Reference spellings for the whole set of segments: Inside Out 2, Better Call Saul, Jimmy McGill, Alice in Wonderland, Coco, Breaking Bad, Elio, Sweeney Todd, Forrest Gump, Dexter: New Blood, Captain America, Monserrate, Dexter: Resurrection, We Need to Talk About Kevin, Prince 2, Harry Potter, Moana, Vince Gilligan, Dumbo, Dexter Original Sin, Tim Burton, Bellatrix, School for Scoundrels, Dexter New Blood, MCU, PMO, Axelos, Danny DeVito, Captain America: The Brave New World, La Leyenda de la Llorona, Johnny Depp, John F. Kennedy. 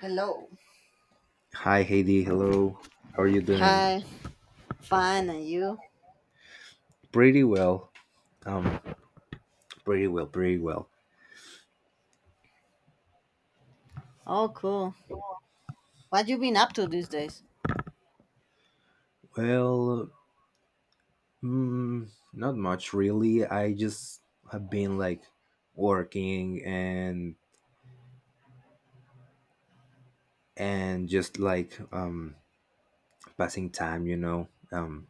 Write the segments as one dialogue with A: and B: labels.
A: Hello.
B: Hi, Heidi. Hello. How are you doing?
A: Hi. Fine, and you?
B: Pretty well. Um, pretty well, pretty well.
A: Oh, cool. What you been up to these days?
B: Well, not much really. I just have been like, working and just like, passing time.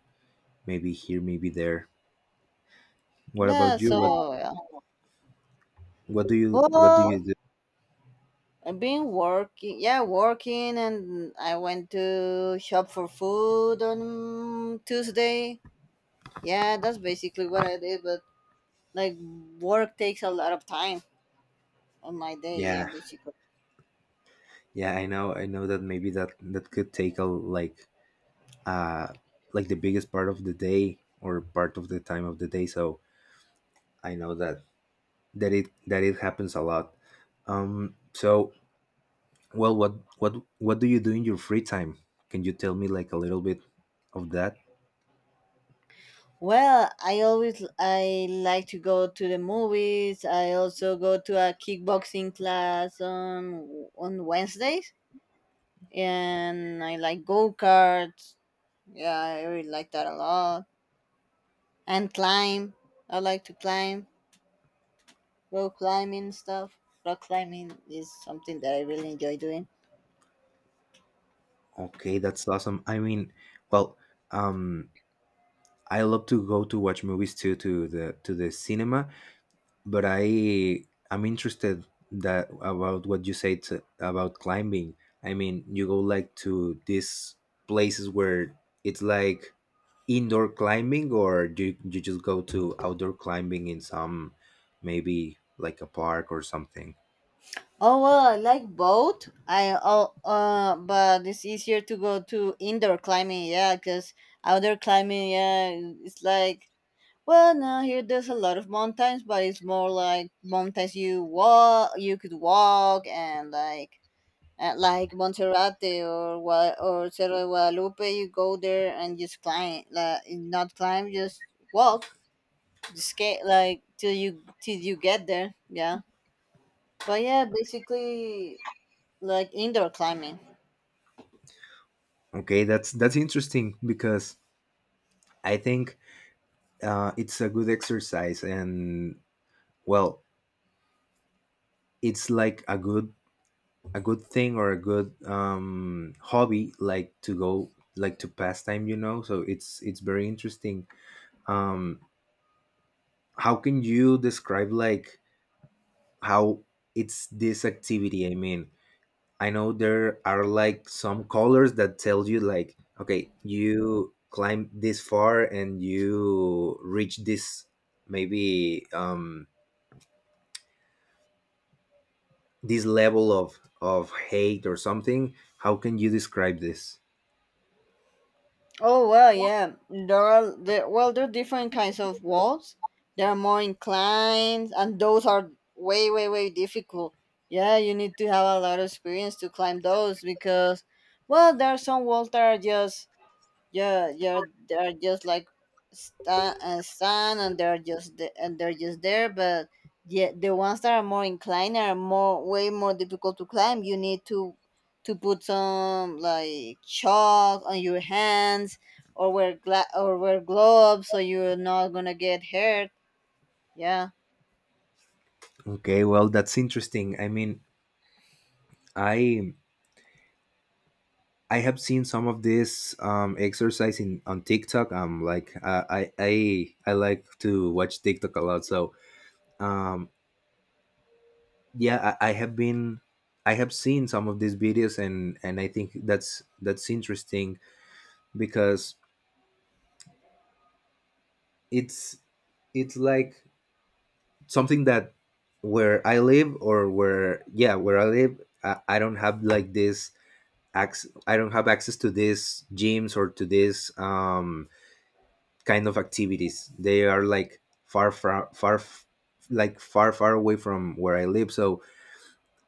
B: Maybe here, maybe there. What
A: Yeah.
B: about you?
A: So yeah.
B: What do
A: Well,
B: you do?
A: I've been working. Yeah, working, and I went to shop for food on Tuesday. Yeah, that's basically what I did. But like, work takes a lot of time on my day. Yeah,
B: Yeah,
A: basically.
B: yeah. I know. I know that maybe that could take a, uh like the biggest part of the day or part of the time of the day. So I know that, that it happens a lot. Um, so, well, what do you do in your free time? Can you tell me like a little bit of that?
A: Well, I like to go to the movies. I also go to a kickboxing class on Wednesdays. And I like go karts. Yeah, I really like that a lot. And climb. I like to climb, rock climbing stuff. Rock climbing is something that I really enjoy doing.
B: Okay, that's awesome. I mean, well, um, I love to go to watch movies too to the cinema, but I'm interested that, about what you said, about climbing. I mean, you go like to these places where it's like indoor climbing, or you just go to outdoor climbing in some maybe like a park or something?
A: Oh well, I like both. I Oh, but it's easier to go to indoor climbing, yeah, because outdoor climbing, yeah, it's like, well, no, here there's a lot of mountains, but it's more like mountains you walk, you could walk, and like, like Monserrate or Cerro de Guadalupe. You go there and just climb, like not climb, just walk, just skate, like till you get there. Yeah, but yeah, basically like indoor climbing.
B: Okay, that's interesting because I think it's a good exercise and well, it's like a good thing or a good hobby, like to go, like, to pastime, you know. So it's very interesting. um how can you describe like how it's this activity? I mean, I know there are like some colors that tell you like, okay, you climb this far and you reach this, maybe, this level of hate or something. How can you describe this?
A: Oh well, yeah, well, there are different kinds of walls. There are more inclined, and those are way way way difficult. Yeah, you need to have a lot of experience to climb those, because, well, there are some walls that are just, yeah, yeah, they're just like stand and stand, and they're just and they're just there. But yeah, the ones that are more inclined are more way more difficult to climb. You need to put some like chalk on your hands or wear gloves so you're not gonna get hurt. Yeah.
B: Okay, well that's interesting. I mean, I I have seen some of this exercise in on TikTok. Like I like to watch TikTok a lot. So um, yeah, I have been, I have seen some of these videos, and I think that's interesting because it's it's like something that where I live, or where, yeah, where I live, I don't have like this access. I don't have access to these gyms or to this kind of activities. They are like far far like far far away from where I live. So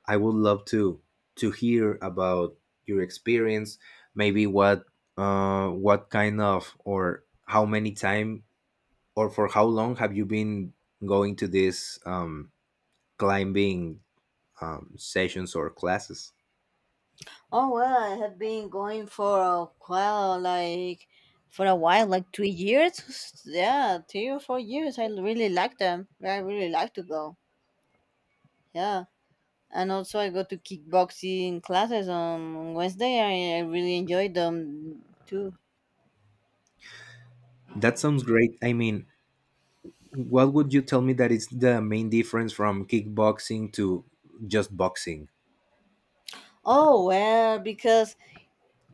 B: I would love to hear about your experience. Maybe what kind of, or how many time or for how long have you been going to these climbing sessions or classes?
A: Oh well, I have been going for a while, like 3 years. Yeah, 3 or 4 years. I really like them. I really like to go. Yeah, and also I go to kickboxing classes on Wednesday. I really enjoy them too.
B: That sounds great. I mean, what would you tell me that is the main difference from kickboxing to just boxing?
A: Oh well, because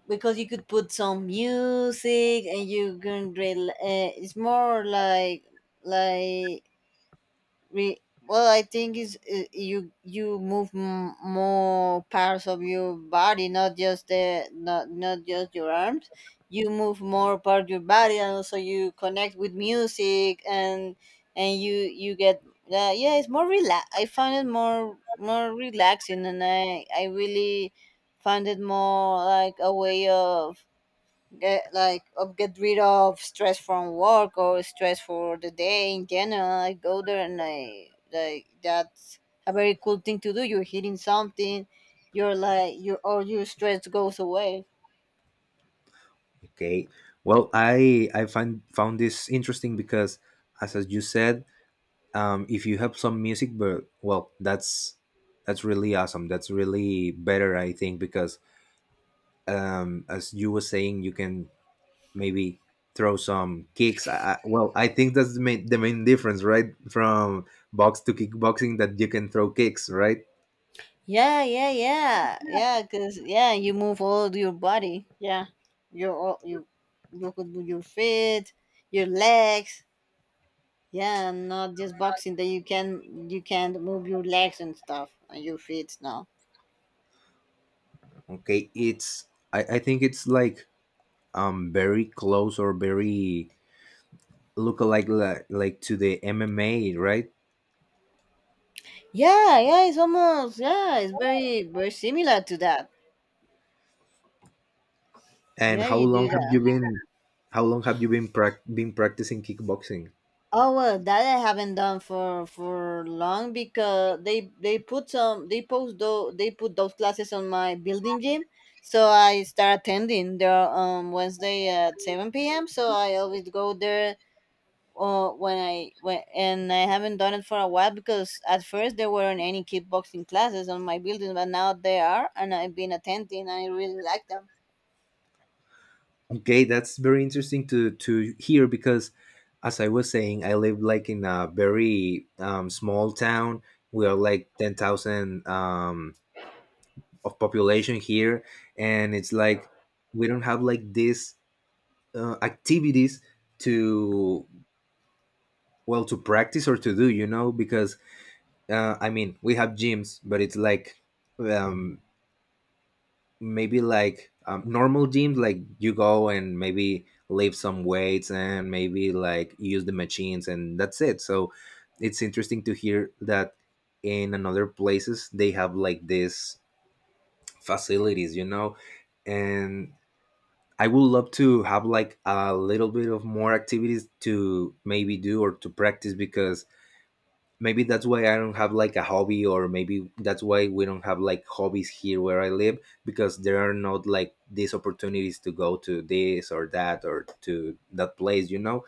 A: because you could put some music and you can drill. It's more like, We, well, I think is, you move more parts of your body, not just the not not just your arms. You move more part of your body, and also you connect with music, and you get, yeah, it's more relax. I found it more relaxing, and I really found it more like a way of get rid of stress from work or stress for the day. In general I go there, and I like, that's a very cool thing to do. You're hitting something. You're like, your stress goes away.
B: Okay. Well, I find found this interesting because, as you said, if you have some music, but well, that's really awesome. That's really better, I think, because as you were saying, you can maybe throw some kicks. Well, I think that's the main difference, right, from box to kickboxing, that you can throw kicks, right?
A: Yeah, yeah, yeah, yeah, because yeah, you move all your body. Yeah, you look at your feet, your legs. Yeah, not just boxing, that you can move your legs and stuff and your feet now.
B: Okay, it's I think it's like very close or very look, like to the MMA, right?
A: Yeah, yeah, it's almost, yeah, it's very very similar to that.
B: And
A: Yeah,
B: how
A: you do
B: long have
A: that.
B: you been, how long have you been prac been practicing kickboxing?
A: Oh well, that I haven't done for long, because they put some they post those they put those classes on my building gym, so I start attending there on Wednesday at seven p.m. So I always go there. When I when And I haven't done it for a while, because at first there weren't any kickboxing classes on my building, but now there are, and I've been attending. I really like them.
B: Okay, that's very interesting to hear because, as I was saying, I live like in a very small town. We are like 10,000 of population here. And it's like we don't have like these activities to well to practice or to do, you know, because I mean, we have gyms, but it's like um, maybe like normal gyms, like you go and maybe lift some weights and maybe like use the machines, and that's it. So it's interesting to hear that in another places they have like these facilities, you know, and I would love to have like a little bit of more activities to maybe do or to practice, because maybe that's why I don't have like a hobby, or maybe that's why we don't have like hobbies here where I live, because there are not like these opportunities to go to this or that or to that place, you know.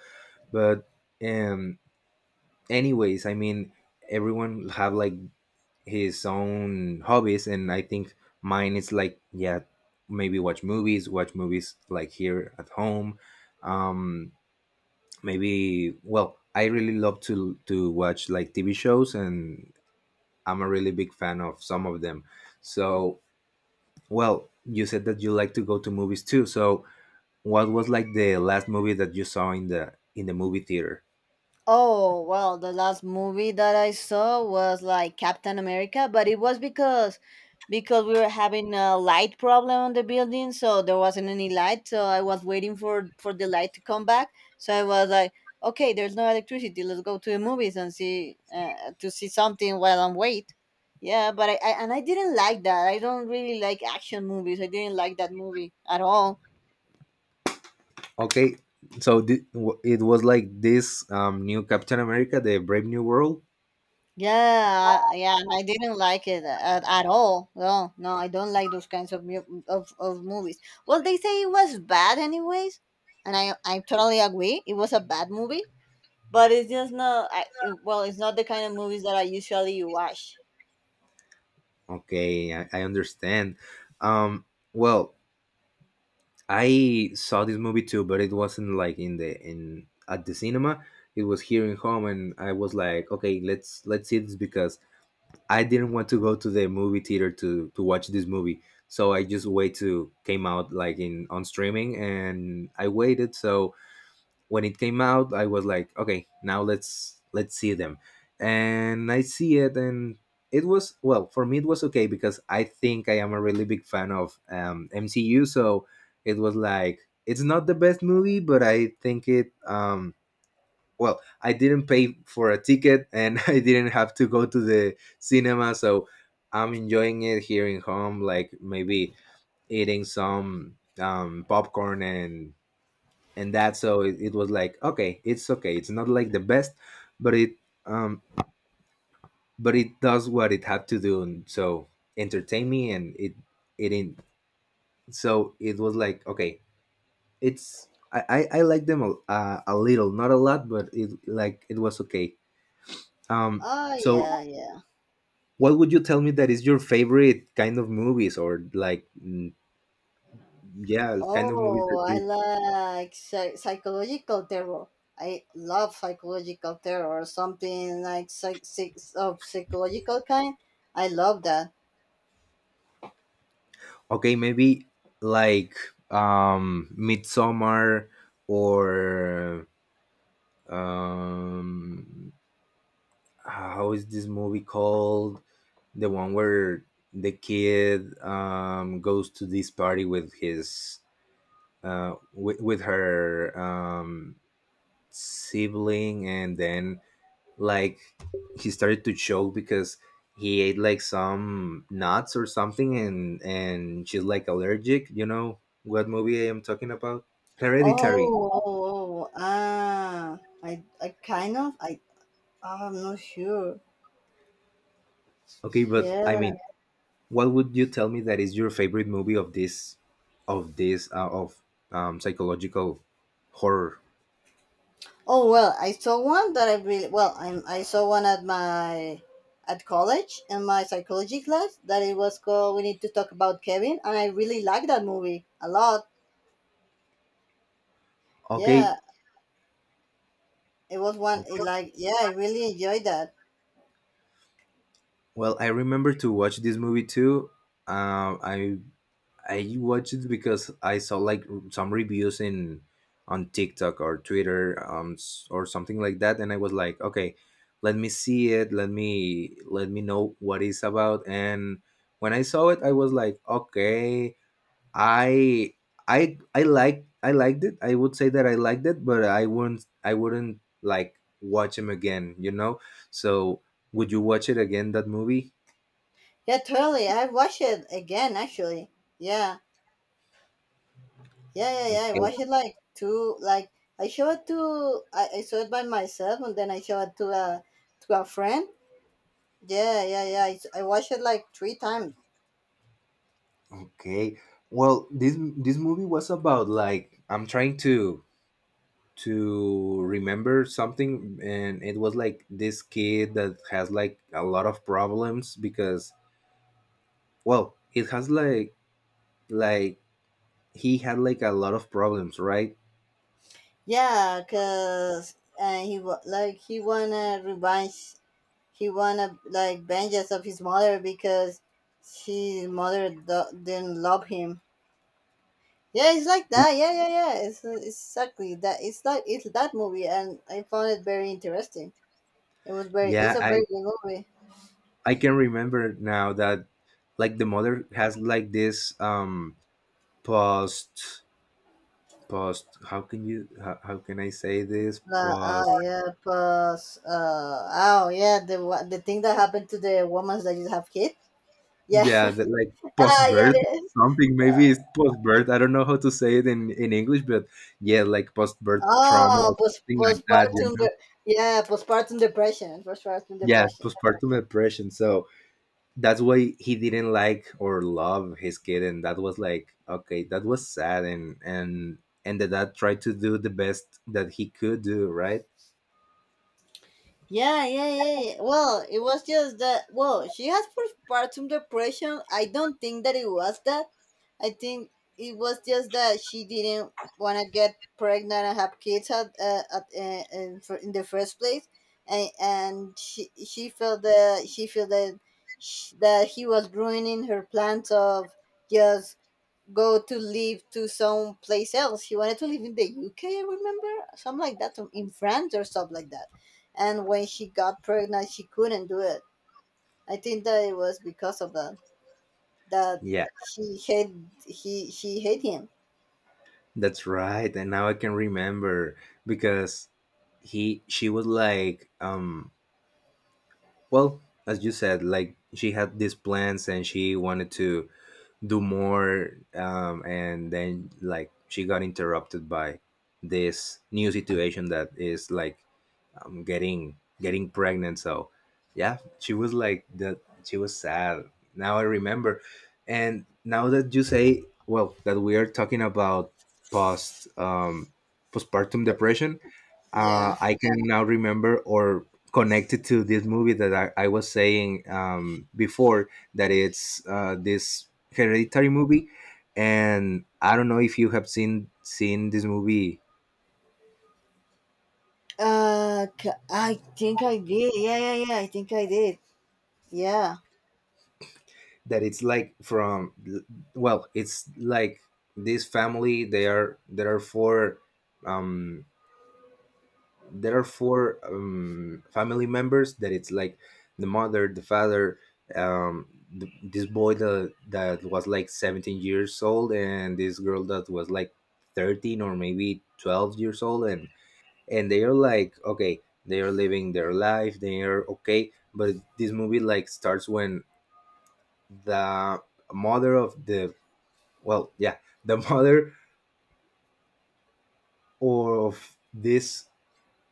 B: But um, anyways, I mean, everyone have like his own hobbies, and I think mine is like, yeah, maybe watch movies like here at home. Um, maybe well, I really love to watch like TV shows, and I'm a really big fan of some of them. So, well, you said that you like to go to movies too. So, what was like the last movie that you saw in the movie theater?
A: Oh, well, the last movie that I saw was like Captain America, but it was because we were having a light problem on the building, so there wasn't any light, so I was waiting for the light to come back. So I was like, okay, there's no electricity. Let's go to the movies and see something while I'm wait. Yeah, but I didn't like that. I don't really like action movies. I didn't like that movie at all.
B: Okay, so it was like this new Captain America, the Brave New World.
A: Yeah, and I didn't like it at all. No, no, I don't like those kinds of, mu- mm, of movies. Well, they say it was bad anyways, and I totally agree. It was a bad movie, but it's just not. Well, it's not the kind of movies that I usually watch.
B: Okay, I understand. Um, well, I saw this movie too, but it wasn't like in the in at the cinema. It was here in home, and I was like, okay, let's see this because I didn't want to go to the movie theater to watch this movie, so I just wait to came out like in on streaming, and I waited. So when it came out, I was like, okay, now let's see them, and I see it, and it was, well, for me it was okay, because I think I am a really big fan of MCU, so it was like it's not the best movie, but I think it well, I didn't pay for a ticket, and I didn't have to go to the cinema, so I'm enjoying it here in home, like maybe eating some popcorn and that. So it was like okay, it's okay, it's not like the best, but it um but it does what it had to do, and so entertain me, and it in so it was like okay, it's i I like them a little, not a lot, but it like it was okay. um
A: Oh
B: so
A: yeah, yeah.
B: what would you tell me that is your favorite kind of movies, or like, yeah, kind of movies
A: Oh,
B: that
A: I
B: you—
A: like psychological terror. I love psychological terror, something like psych- psych- of psychological kind. I love that.
B: okay, maybe like Midsummer or um how is this movie called, the one where the kid goes to this party with his with her sibling, and then like he started to choke because he ate like some nuts or something, and she's like allergic. You know what movie I am talking about? Hereditary.
A: Oh, I kind of, I'm not sure.
B: Okay, but I
A: Yeah.
B: mean, what would you tell me that is your favorite movie of this, of this of psychological horror?
A: Oh well, I saw one that I really well. I saw one at my at college in my psychology class that it was called "We Need to Talk About Kevin," and I really liked that movie a lot. Yeah,
B: Okay,
A: it was one. I really enjoyed that.
B: well, I remember to watch this movie too. uh, i I watched it because I saw like some reviews in on TikTok or Twitter or something like that, and I was like, okay, let me see it. Let me know what it's about. And when I saw it, I was like, okay, I I like, I liked it. I would say that I liked it, but I wouldn't like watch him again. You know. So would you watch it again? That movie?
A: Yeah, totally. I watched it again actually. Yeah. Yeah, yeah, yeah. I
B: Okay.
A: watched it like two. Like, I showed it to, I saw it by myself, and then I showed it to a friend. Yeah, yeah, yeah. I watched it like three times.
B: Okay. Well, this movie was about like, I'm trying to remember something, and it was like this kid that has like a lot of problems because well, it has like he had like a lot of problems, right?
A: Yeah, cause he wa- like he wanna revenge. He wanna like vengeance of his mother, because his mother didn't love him. Yeah, it's like that. Yeah, yeah, yeah. It's exactly that. It's like it's that movie, and I found it very interesting. It was very. It's
B: Yeah,
A: a very good movie.
B: I can remember now that like the mother has like this post post, how can you how can I say this, post—
A: Oh yeah, plus oh yeah, the thing that happened to the woman that you have kid. Yeah.
B: yeah, that, like, post
A: Ah yeah,
B: birth
A: yeah.
B: something, maybe it's post birth. I don't know how to say it in English, but yeah, like post birth trauma
A: Oh,
B: or something like that. You know?
A: Yeah, postpartum depression. Postpartum
B: Yes,
A: depression.
B: postpartum depression. So that's why he didn't like or love his kid, and that was like okay, that was sad, and and the dad tried to do the best that he could do, right?
A: Yeah, yeah, yeah, yeah. Well, it was just that. Well, she has postpartum depression. I don't think that it was that. I think it was just that she didn't want to get pregnant and have kids in the first place, and she felt that she felt that sh that he was ruining her plans of just go to live to some place else. He wanted to live in the UK, remember, something like that, in France or stuff like that. And when she got pregnant, she couldn't do it. I think that it was because of that that
B: Yeah,
A: she hate she hate him.
B: that's right. And now I can remember because he she was like well, as you said, like she had these plans, and she wanted to do more, and then like she got interrupted by this new situation that is like getting getting pregnant. So yeah, she was like that, she was sad. Now I remember. And now that you say, well, that we are talking about post postpartum depression,
A: Yeah.
B: I can now remember, or connected to this movie that I was saying before, that it's this Hereditary movie, and I don't know if you have seen this movie,
A: I think I did. Yeah, yeah, yeah. I think I did. Yeah.
B: that it's like from, well, it's like this family. They are um, there are four family members that it's like the mother, the father, um, this boy that was like 17 years old, and this girl that was like 13 or maybe 12 years old, and they're like, okay, they're living their life, they're okay, but this movie like starts when the mother of the well yeah the mother of this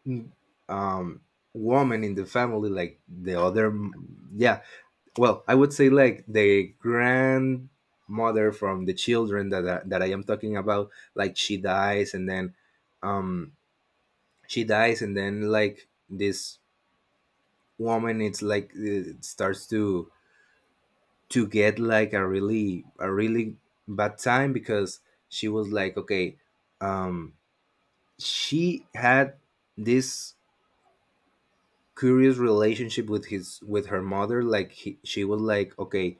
B: mm, um woman in the family, like the other, yeah. Well, I would say like the grandmother from the children that that I am talking about, like she dies and then um she dies, and then like this woman it's like it starts to get like a really, a really bad time because she was like, okay, um she had this curious relationship with his with her mother. Like, she was like, okay,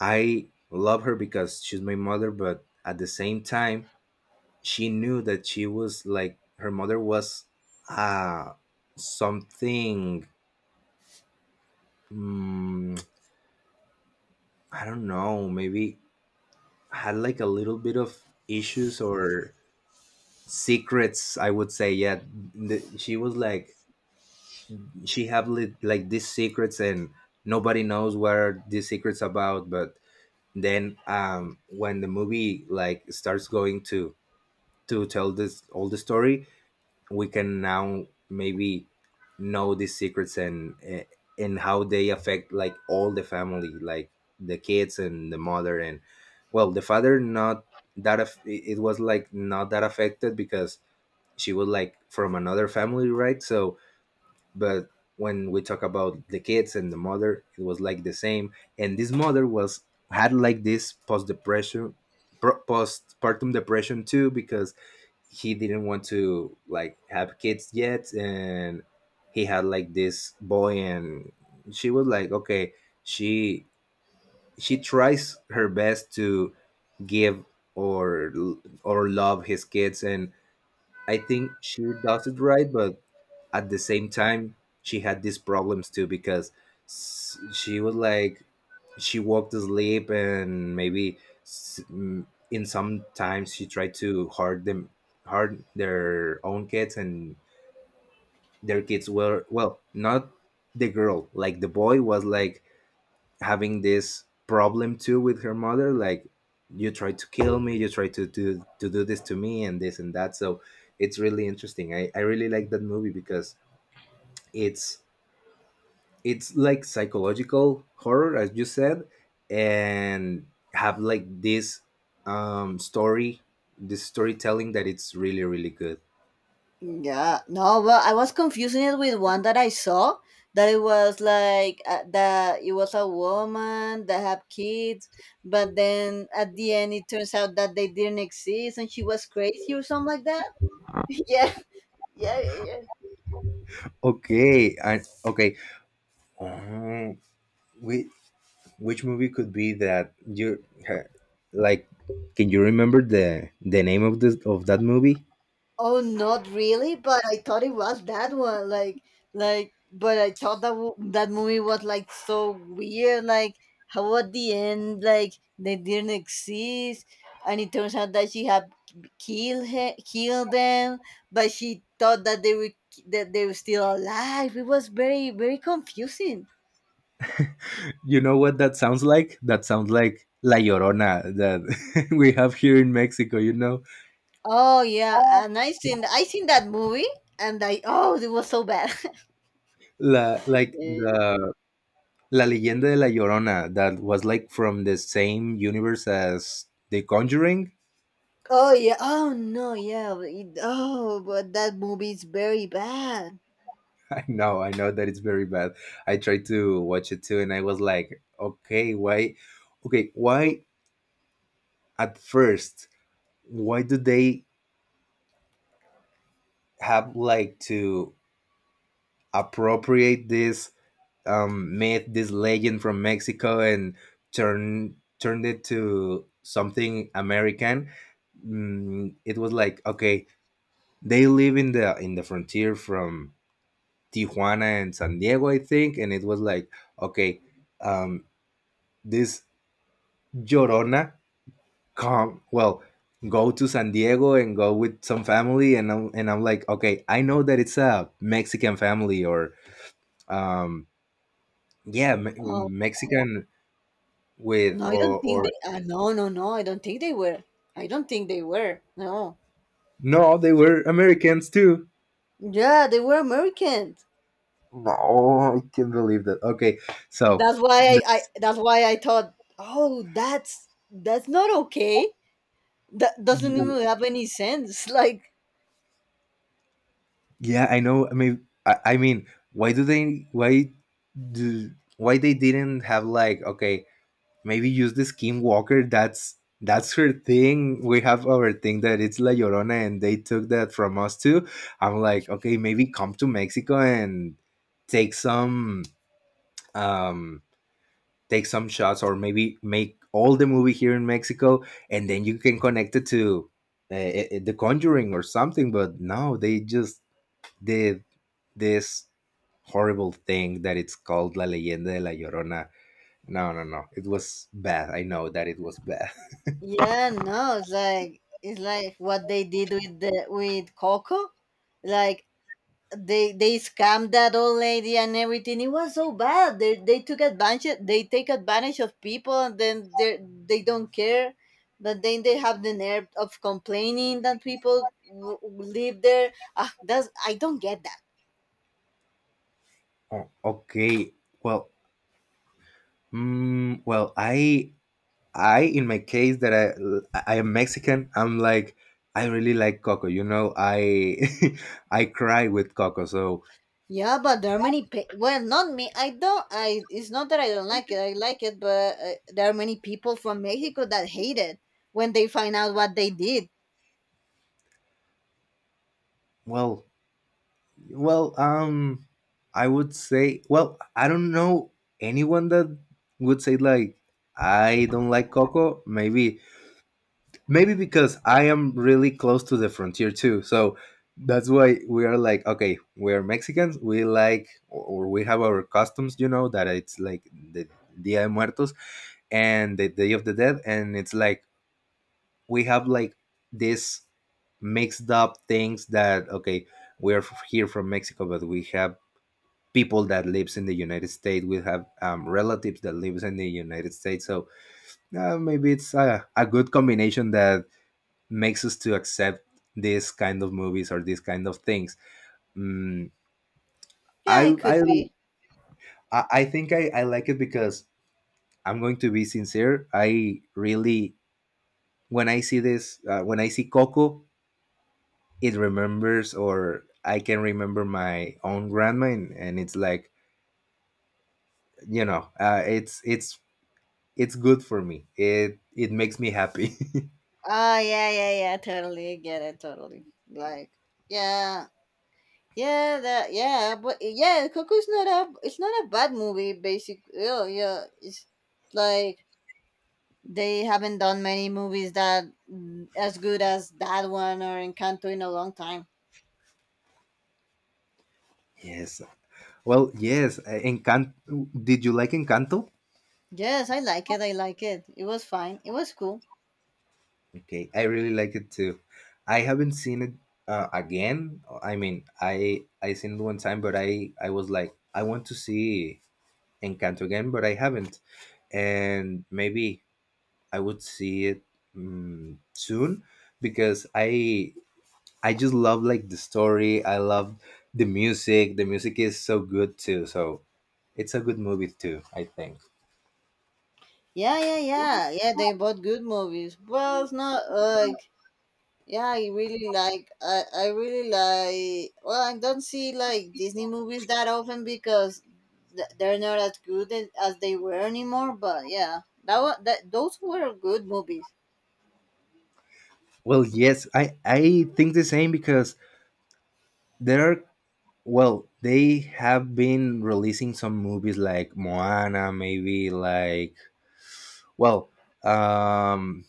B: I love her because she's my mother, but at the same time, she knew that she was like her mother was uh something. mm, I don't know, maybe had like a little bit of issues or secrets, I would say. Yeah, she was like, she have like these secrets, and nobody knows what are these secrets about. But then, when the movie like starts going to tell this all the story, we can now maybe know these secrets, and and how they affect like all the family, like the kids and the mother and, well, the father, not it it was like not that affected because she was like from another family, right? So but when we talk about the kids and the mother, it was like the same. And this mother was, had like this postpartum depression too because he didn't want to like have kids yet, and he had like this boy, and she was like, okay, she she tries her best to give or or love his kids, and I think she does it right. But at the same time she had these problems too because she was like she walked to sleep and maybe in some times she tried to hurt them, hurt their own kids. And their kids were, well, not the girl, like the boy was like having this problem too with her mother like, "You tried to kill me, you tried to do this to me and this and that." So it's really interesting. I really like that movie because it's it's like psychological horror, as you said. And have like this story, this storytelling that it's really, really good.
A: Yeah, no, well, I was confusing it with one that I saw, that it was like, that it was a woman that had kids, but then at the end it turns out that they didn't exist and she was crazy or something like that. Yeah, yeah, yeah.
B: Okay, okay, um, whi- which movie could be that you like, can you remember the name of this, of that movie?
A: Oh, not really, but I thought it was that one. Like, but I thought that that movie was like so weird. Like, how at the end, like they didn't exist, and it turns out that she had killed them, but she thought that they were still alive. It was very very confusing.
B: You know what, that sounds like, that sounds like La Llorona that we have here in Mexico, you know.
A: Oh yeah, and I seen that movie, and I oh, it was so bad.
B: La, like the La Leyenda de la Llorona, that was like from the same universe as The Conjuring.
A: Oh yeah. Oh no. Yeah. Oh, but that movie is very bad.
B: I know that it's very bad. I tried to watch it too, and I was like, okay, why? Okay, why at first? Why do they have like to appropriate this myth, this legend from Mexico, and turned it to something American? It was like, okay, they live in the frontier from Tijuana and San Diego, I think, and it was like, okay, um, this Llorona come, well, go to San Diego and go with some family, and I'm like, okay, I know that it's a Mexican family, or um,
A: Oh,
B: Mexican with
A: no, I don't think they.
B: or
A: No, no, no. I don't think they were. I don't think they were. No,
B: no, they were Americans too.
A: yeah, they were Americans.
B: No, I can't believe that. Okay, so
A: that's
B: the-
A: why I. I that's why I thought. Oh, that's not okay. That doesn't even have any sense. Like,
B: yeah, I know. I mean, I mean, why do they? Why why they didn't have like, okay, maybe use the skinwalker? That's her thing. We have our thing that it's La Llorona, and they took that from us too. I'm like, okay, maybe come to Mexico and take some um take some shots, or maybe make all the movie here in Mexico, and then you can connect it to The Conjuring or something. But no, they just did this horrible thing that it's called La Leyenda de la Llorona. No, no, no, it was bad. I know that it was bad.
A: yeah. No. It's like what they did with Coco. Like they scammed that old lady and everything. It was so bad. They took advantage. They take advantage of people, and then they don't care. But then they have the nerve of complaining that people live there. Ah, that's I don't get that.
B: Oh, okay. Well, well, I, in my case, that I am Mexican, I'm like, I really like Coco. You know, I, I cry with Coco. So,
A: Yeah, but there are many. Well, not me. I don't. I. It's not that I don't like it. I like it, but there are many people from Mexico that hate it when they find out what they did.
B: well, well, I would say, well, I don't know anyone that would say like, I don't like Coco. Maybe, maybe because I am really close to the frontier too. So that's why we are like, okay, we are Mexicans, we like, or we have our customs, you know, that it's like the Dia de Muertos and the Day of the Dead. And it's like, we have like this mixed up things that, okay, we're here from Mexico, but we have people that lives in the United States. We have relatives that lives in the United States. So maybe it's a good combination that makes us to accept this kind of movies or these kind of things. Mm,
A: Yeah,
B: I
A: it
B: I
A: could be.
B: I think I like it because I'm going to be sincere. I really, when I see this when I see Coco, it remembers, or I can remember my own grandma, and it's like, you know, it's good for me. It makes me happy.
A: Oh yeah, yeah, yeah. Totally get it. Totally. Like, yeah, yeah, that, yeah, but yeah, Coco's not a bad movie. Basically, yeah, yeah. It's like they haven't done many movies that, as good as that one or Encanto in a long time.
B: Yes. Well, yes. Encant. Did you like Encanto?
A: Yes, I like it. I like it. It was fine. It was cool.
B: Okay, I really like it too. I haven't seen it again. I mean, I seen it one time, but I was like, I want to see Encanto again, but I haven't. And maybe I would see it soon because I just love like the story. I love the music. The music is so good too. So it's a good movie too, I think.
A: Yeah, yeah, yeah, yeah. They bought good movies. Well, it's not like— Yeah, I really like, well, I don't see like Disney movies that often because they're not as good as they were anymore, but yeah, that was— that, those were good movies.
B: Well, yes, I think the same because there are, well, they have been releasing some movies like Moana, maybe like, well, um,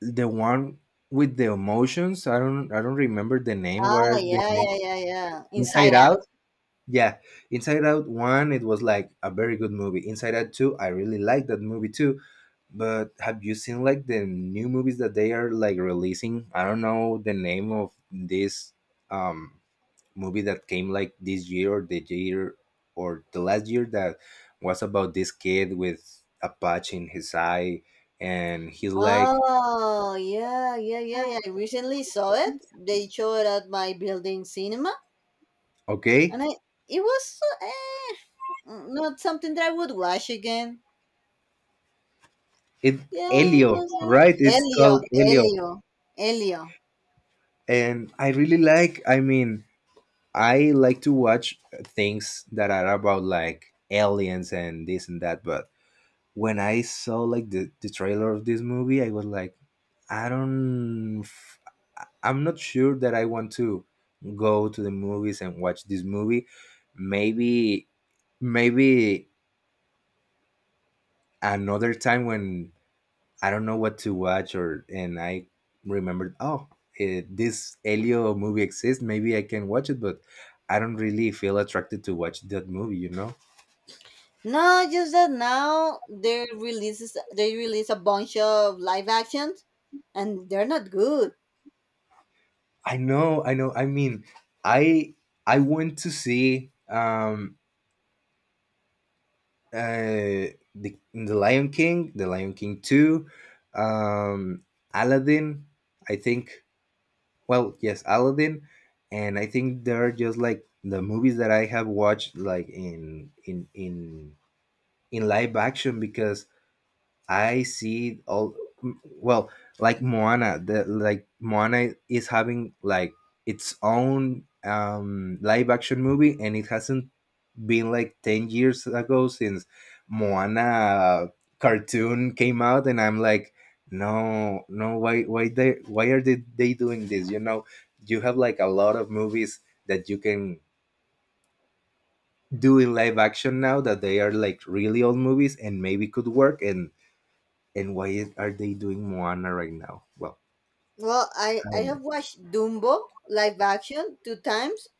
B: the one with the emotions. I don't remember the name. What
A: ah
B: are the
A: yeah
B: name?
A: yeah yeah yeah
B: Inside
A: Inside Out.
B: Out. Yeah, Inside Out one. It was like a very good movie. Inside Out two, I really like that movie too. But have you seen like the new movies that they are like releasing? I don't know the name of this um movie that came like this year or the year, or the last year, that was about this kid with a patch in his eye, and he's like,
A: Oh yeah, yeah, yeah, yeah, I recently saw it. They showed it at my building cinema,
B: okay,
A: and I it was not something that I would watch again.
B: it
A: Yeah, it
B: Elio,
A: was
B: right? It's
A: Elio,
B: called Elio.
A: Elio, Elio.
B: And I really like, I mean, I like to watch things that are about like aliens and this and that. But when I saw like the trailer of this movie, I was like, I don't, I'm not sure that I want to go to the movies and watch this movie. Maybe, maybe another time when I don't know what to watch, or, and I remembered, oh, this Elio movie exists, maybe I can watch it, but I don't really feel attracted to watch that movie, you know.
A: No, just that now they releases they release a bunch of live actions, and they're not good.
B: I know, I know. I mean, I I went to see the Lion King, the Lion King 2, um Aladdin, I think. Well, yes, Aladdin. And I think they're just like the movies that I have watched like in in live action, because I see all well, like Moana, the, like Moana is having like its own live action movie, and it hasn't been like 10 years ago since Moana cartoon came out, and I'm like, no, no, why, why they, why they doing this? You know, you have like a lot of movies that you can do in live action now that they are like really old movies and maybe could work. And why are they doing Moana right now? Well,
A: Well, I have watched Dumbo live action two times,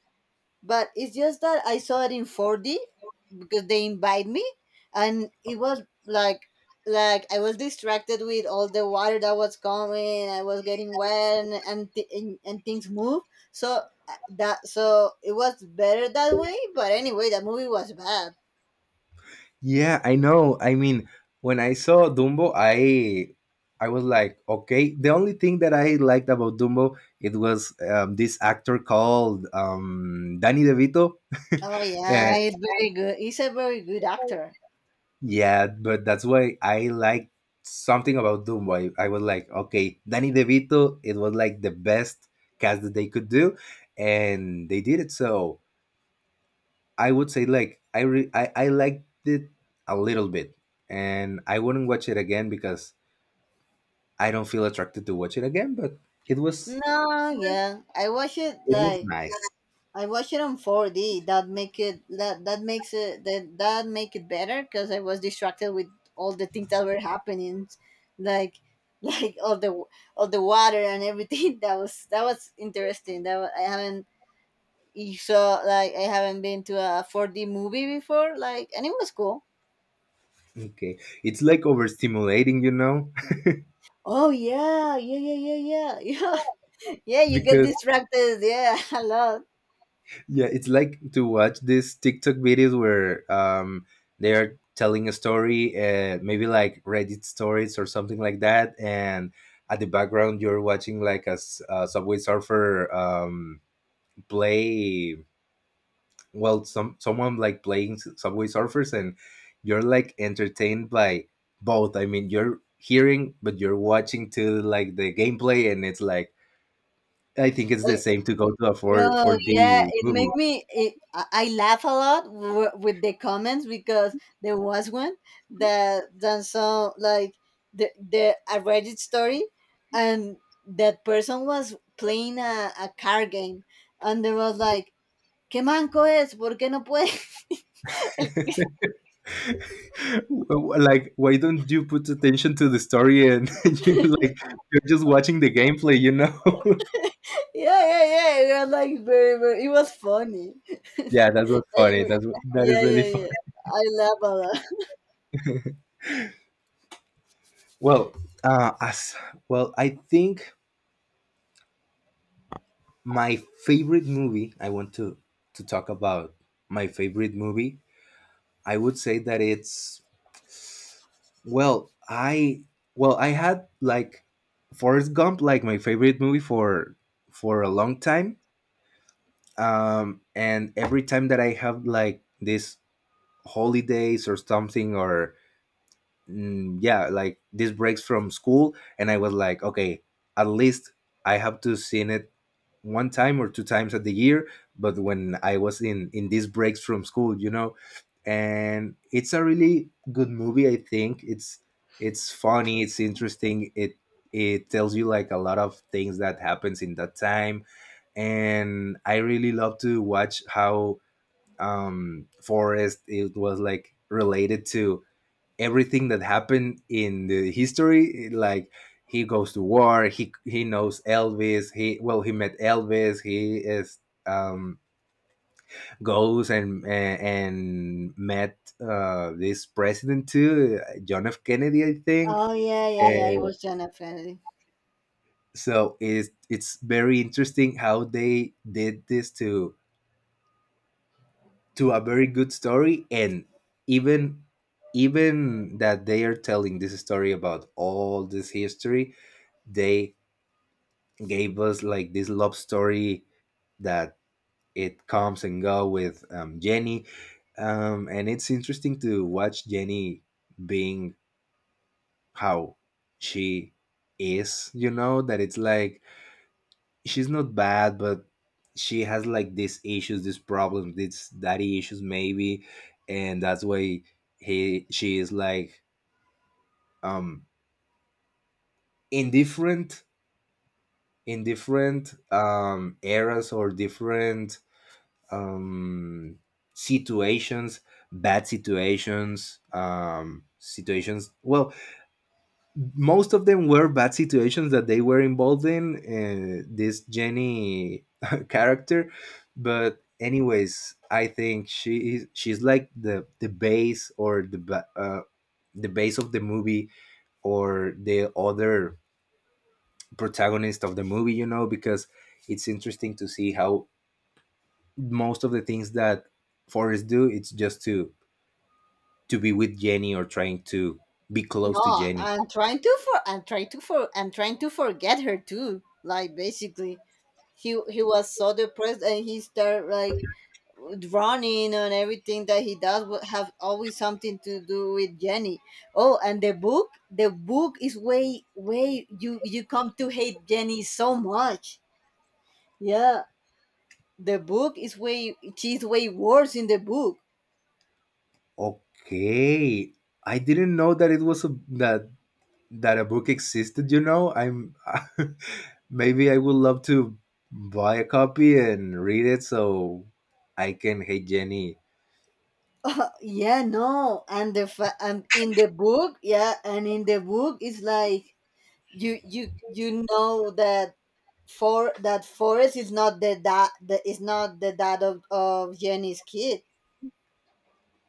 A: but it's just that I saw it in 4D because they invite me, and it was like— like I was distracted with all the water that was coming. I was getting wet, and and things move. So it was better that way. But anyway, that movie was bad.
B: yeah, I know. I mean, when I saw Dumbo, I was like, okay. The only thing that I liked about Dumbo, it was this actor called Danny DeVito.
A: Oh yeah,
B: Yeah,
A: he's very good. He's a very good actor.
B: yeah, but that's why I liked something about Dumbo. I was like, okay, Danny DeVito. It was like the best cast that they could do, and they did it. So I would say, like, I liked it a little bit, and I wouldn't watch it again because I don't feel attracted to watch it again, but it was,
A: No, yeah, I watched it
B: it was
A: like—
B: nice.
A: I watched it on 4D. That make it that that makes it that that make it better because I was distracted with all the things that were happening, like, like all the— all the water and everything. That was— that was interesting. I haven't— you saw, like, I haven't been to a 4D movie before, like, and it was cool.
B: Okay. It's like overstimulating, you know?
A: Oh yeah, yeah, yeah, yeah, yeah, yeah. Yeah, you get
B: because
A: distracted. Yeah, a lot.
B: yeah, it's like to watch these TikTok videos where they are telling a story, maybe like Reddit stories or something like that, and at the background you're watching like a Subway Surfer play. Well, someone like playing subway surfers, and you're like entertained by both. I mean, you're hearing but you're watching to like the gameplay, and it's like I think it's the same to go to a
A: Yo,
B: 4 4D
A: yeah, it made
B: movie.
A: me. It, I laugh a lot with the comments because there was one that done, so like, the a Reddit story, and that person was playing a card game, and they was like, "¿Qué manco es? ¿Por qué no puedes?" yeah,
B: Like, why don't you put attention to the story and you're like you're just watching the gameplay.
A: yeah, yeah. It was like very. It was funny.
B: Yeah, that's what's funny.
A: I-
B: That
A: yeah,
B: is really
A: yeah,
B: fun.
A: yeah. I laugh a lot.
B: well uh as well, I think my favorite movie, I want to talk about my favorite movie. I would say that it's, well, I, well, I had like Forrest Gump like my favorite movie for a long time. And every time that I have like these holidays or something, or yeah, like these breaks from school, and I was like, okay, at least I have to see it one time or two times at the year, but when I was in these breaks from school, you know, and it's a really good movie. I think it's funny, it's interesting. It tells you like a lot of things that happens in that time, and I really love to watch how Forrest it was like related to everything that happened in the history. Like, he goes to war, he knows Elvis, he, well, he met Elvis, he is, um goes and, and met this president too, John F. Kennedy, I think.
A: Oh yeah, yeah, yeah. It
B: uh,
A: was Jenna Friendly.
B: so it's very interesting how they did this to a very good story. And even, even that they are telling this story about all this history, they gave us like this love story that it comes and go with, Jenny. And it's interesting to watch Jenny being, how she is. You know that it's like she's not bad, but she has like these issues, these problems, these daddy issues maybe, and that's why he she is like um indifferent in different eras, or different um, situations, bad situations, situations. Well, most of them were bad situations that they were involved in. This Jenny character, but anyways, I think she's like the base, or the the base of the movie, or the other protagonist of the movie. You know, because it's interesting to see how most of the things that Forrest do, it's just to be with Jenny, or trying to be close to
A: No,
B: Jenny.
A: I'm trying to for I'm trying to for I'm trying to forget her too. Like, basically, he was so depressed and he started like running, and everything that he does would have always something to do with Jenny. Oh, and the book is way— you come to hate Jenny so much. Yeah, the book is way— she's way worse in the book.
B: Okay, I didn't know that it was a that a book existed. You know, I'm maybe I would love to buy a copy and read it so I can hate Jenny.
A: Yeah, no, and and in the book, yeah, and in the book it's like you know that Forrest is not is not the dad of Jenny's kid.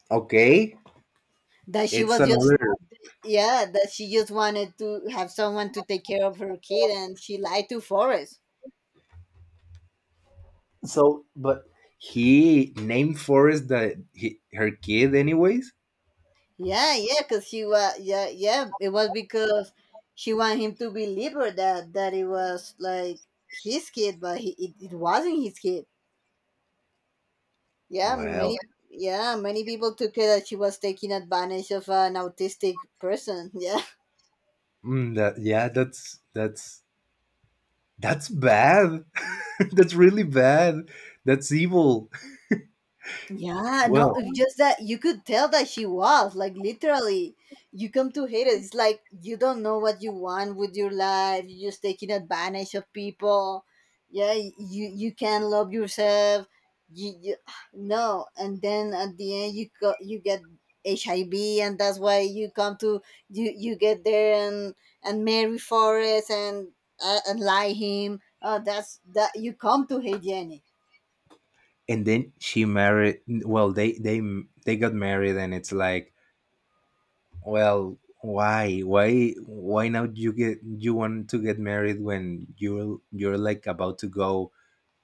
B: Okay,
A: That she
B: it's
A: was just—
B: another.
A: yeah, that she just wanted to have someone to take care of her kid, and she lied to Forrest.
B: So, but he named Forrest that he, her kid, anyways.
A: Yeah, yeah, because she was— yeah, yeah, it was because she wanted him to believe her that— that it was like his kid, but he— it wasn't his kid. Yeah,
B: Well,
A: many— yeah, many people took it that she was taking advantage of an autistic person. Yeah.
B: mm, that yeah, that's bad. That's really bad. That's evil.
A: Yeah, no,
B: Well,
A: it's just that you could tell that she was like, literally— you come to hate it. It's like, you don't know what you want with your life. You're just taking advantage of people. Yeah, you you can't love yourself. You no, and then at the end you go, you get HIV, and that's why you come to— you get there and marry Forrest and lie him. Oh, that's— that you come to hate Jenny.
B: and then she married. Well, they they got married, and it's like, well, why now? You get, you want to get married when you're like about to go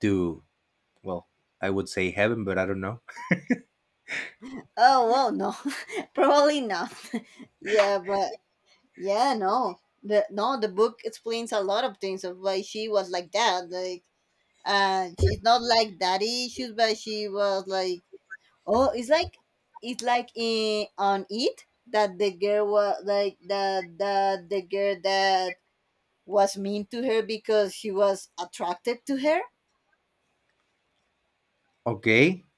B: to, well, I would say heaven, but I don't know.
A: Oh well, no, probably not. Yeah, but yeah, no, the book explains a lot of things of why she was like that. Like, she's not like daddy issues, but she was like, oh, it's like— it's like in on it that the girl was like that— the girl that was mean to her because she was attracted to her.
B: Okay,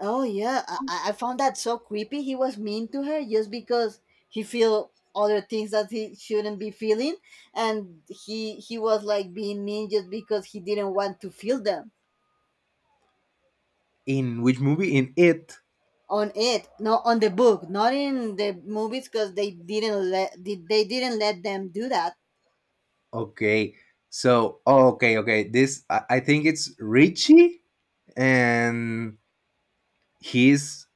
A: Oh yeah, I found that so creepy. He was mean to her just because he feel other things that he shouldn't be feeling, and he was like being mean just because he didn't want to feel them.
B: in which movie? In it.
A: On it, not on the book, not in the movies, because they didn't let them do that.
B: Okay, so, oh, okay, okay. This, I think it's Richie, and he's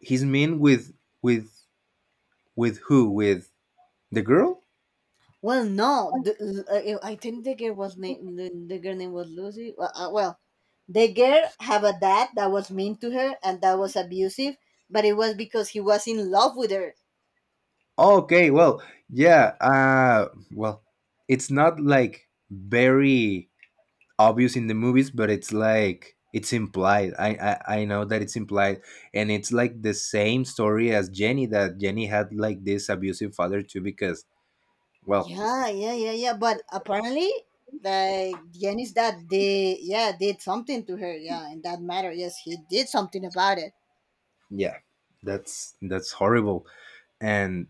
B: He's mean with with who? With the girl?
A: Well, no, I think the girl name was Lucy. Well, well, the girl have a dad that was mean to her and that was abusive, but it was because he was in love with her.
B: Okay, well, yeah. Well, it's not like very obvious in the movies, but it's like it's implied. I know that it's implied, and it's like the same story as Jenny, that Jenny had like this abusive father too. Because, well,
A: Yeah, yeah, yeah, yeah. But apparently, like Jenny's dad, they— yeah, did something to her. Yeah, in that matter, yes, he did something about it.
B: yeah, that's horrible, and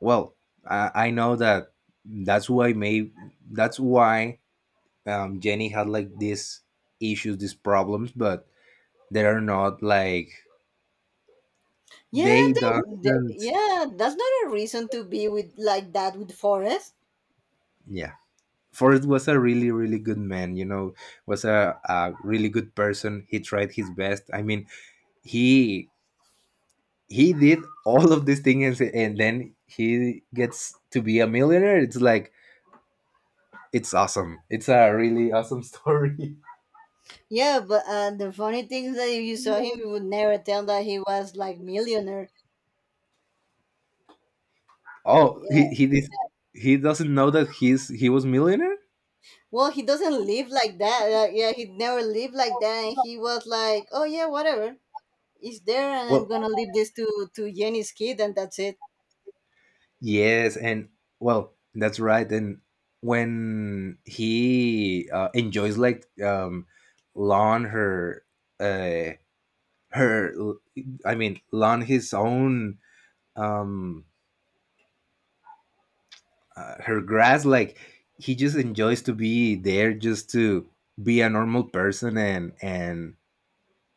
B: well, I know that that's why may that's why, Jenny had like these issues, these problems, but they are not like,
A: Yeah,
B: they doesn't.
A: yeah, that's not a reason to be with like that with Forrest.
B: Yeah, Forrest was a really, really good man. You know, was a really good person. He tried his best. I mean, he he did all of these things, and then he gets to be a millionaire. It's like it's awesome. It's a really awesome story.
A: Yeah, but the funny thing is that if you saw him, you would never tell that he was like millionaire.
B: Oh,
A: Yeah.
B: he did. He doesn't know that he was millionaire.
A: Well, he doesn't live like that. Yeah, he never lived like that. And he was like, oh yeah, whatever. It's there, and I'm
B: Well,
A: gonna leave this to Jenny's kid, and that's it.
B: yes, and well, that's right. And when he enjoys like lawn uh, her, I mean, lawn his own, um, her grass. Like, he just enjoys to be there, just to be a normal person, and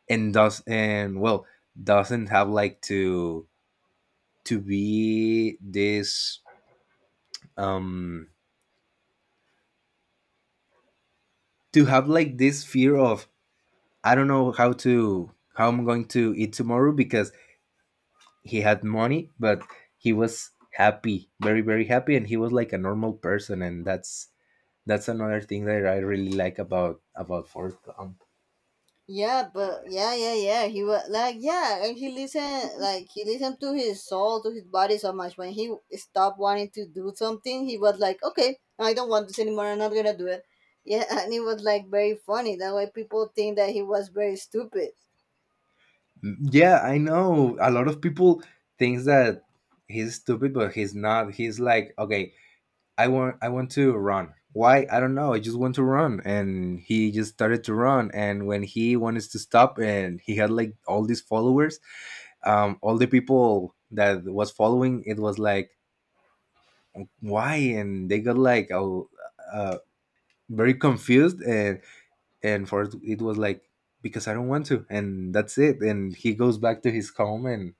B: and does and, well, doesn't have like to be this um to have like this fear of, I don't know how to, how I'm going to eat tomorrow, because he had money, but he was happy, very very happy, and he was like a normal person, and that's another thing that I really like about Forrest Gump.
A: Yeah, but yeah, yeah, yeah. He was like, yeah, and he listened, like he listened to his soul, to his body so much. When he stopped wanting to do something, he was like, okay, I don't want this anymore. I'm not gonna do it. Yeah, and it was like very funny. That way, people think that he was very stupid.
B: Yeah, I know a lot of people thinks that he's stupid, but he's not. He's like, okay, I want to run. Why? I don't know. I just want to run, and he just started to run. And when he wanted to stop, and he had like all these followers, all the people that was following, it was like why, and they got like a, uh, very confused, and for it, it was like, because I don't want to, and that's it, and he goes back to his home,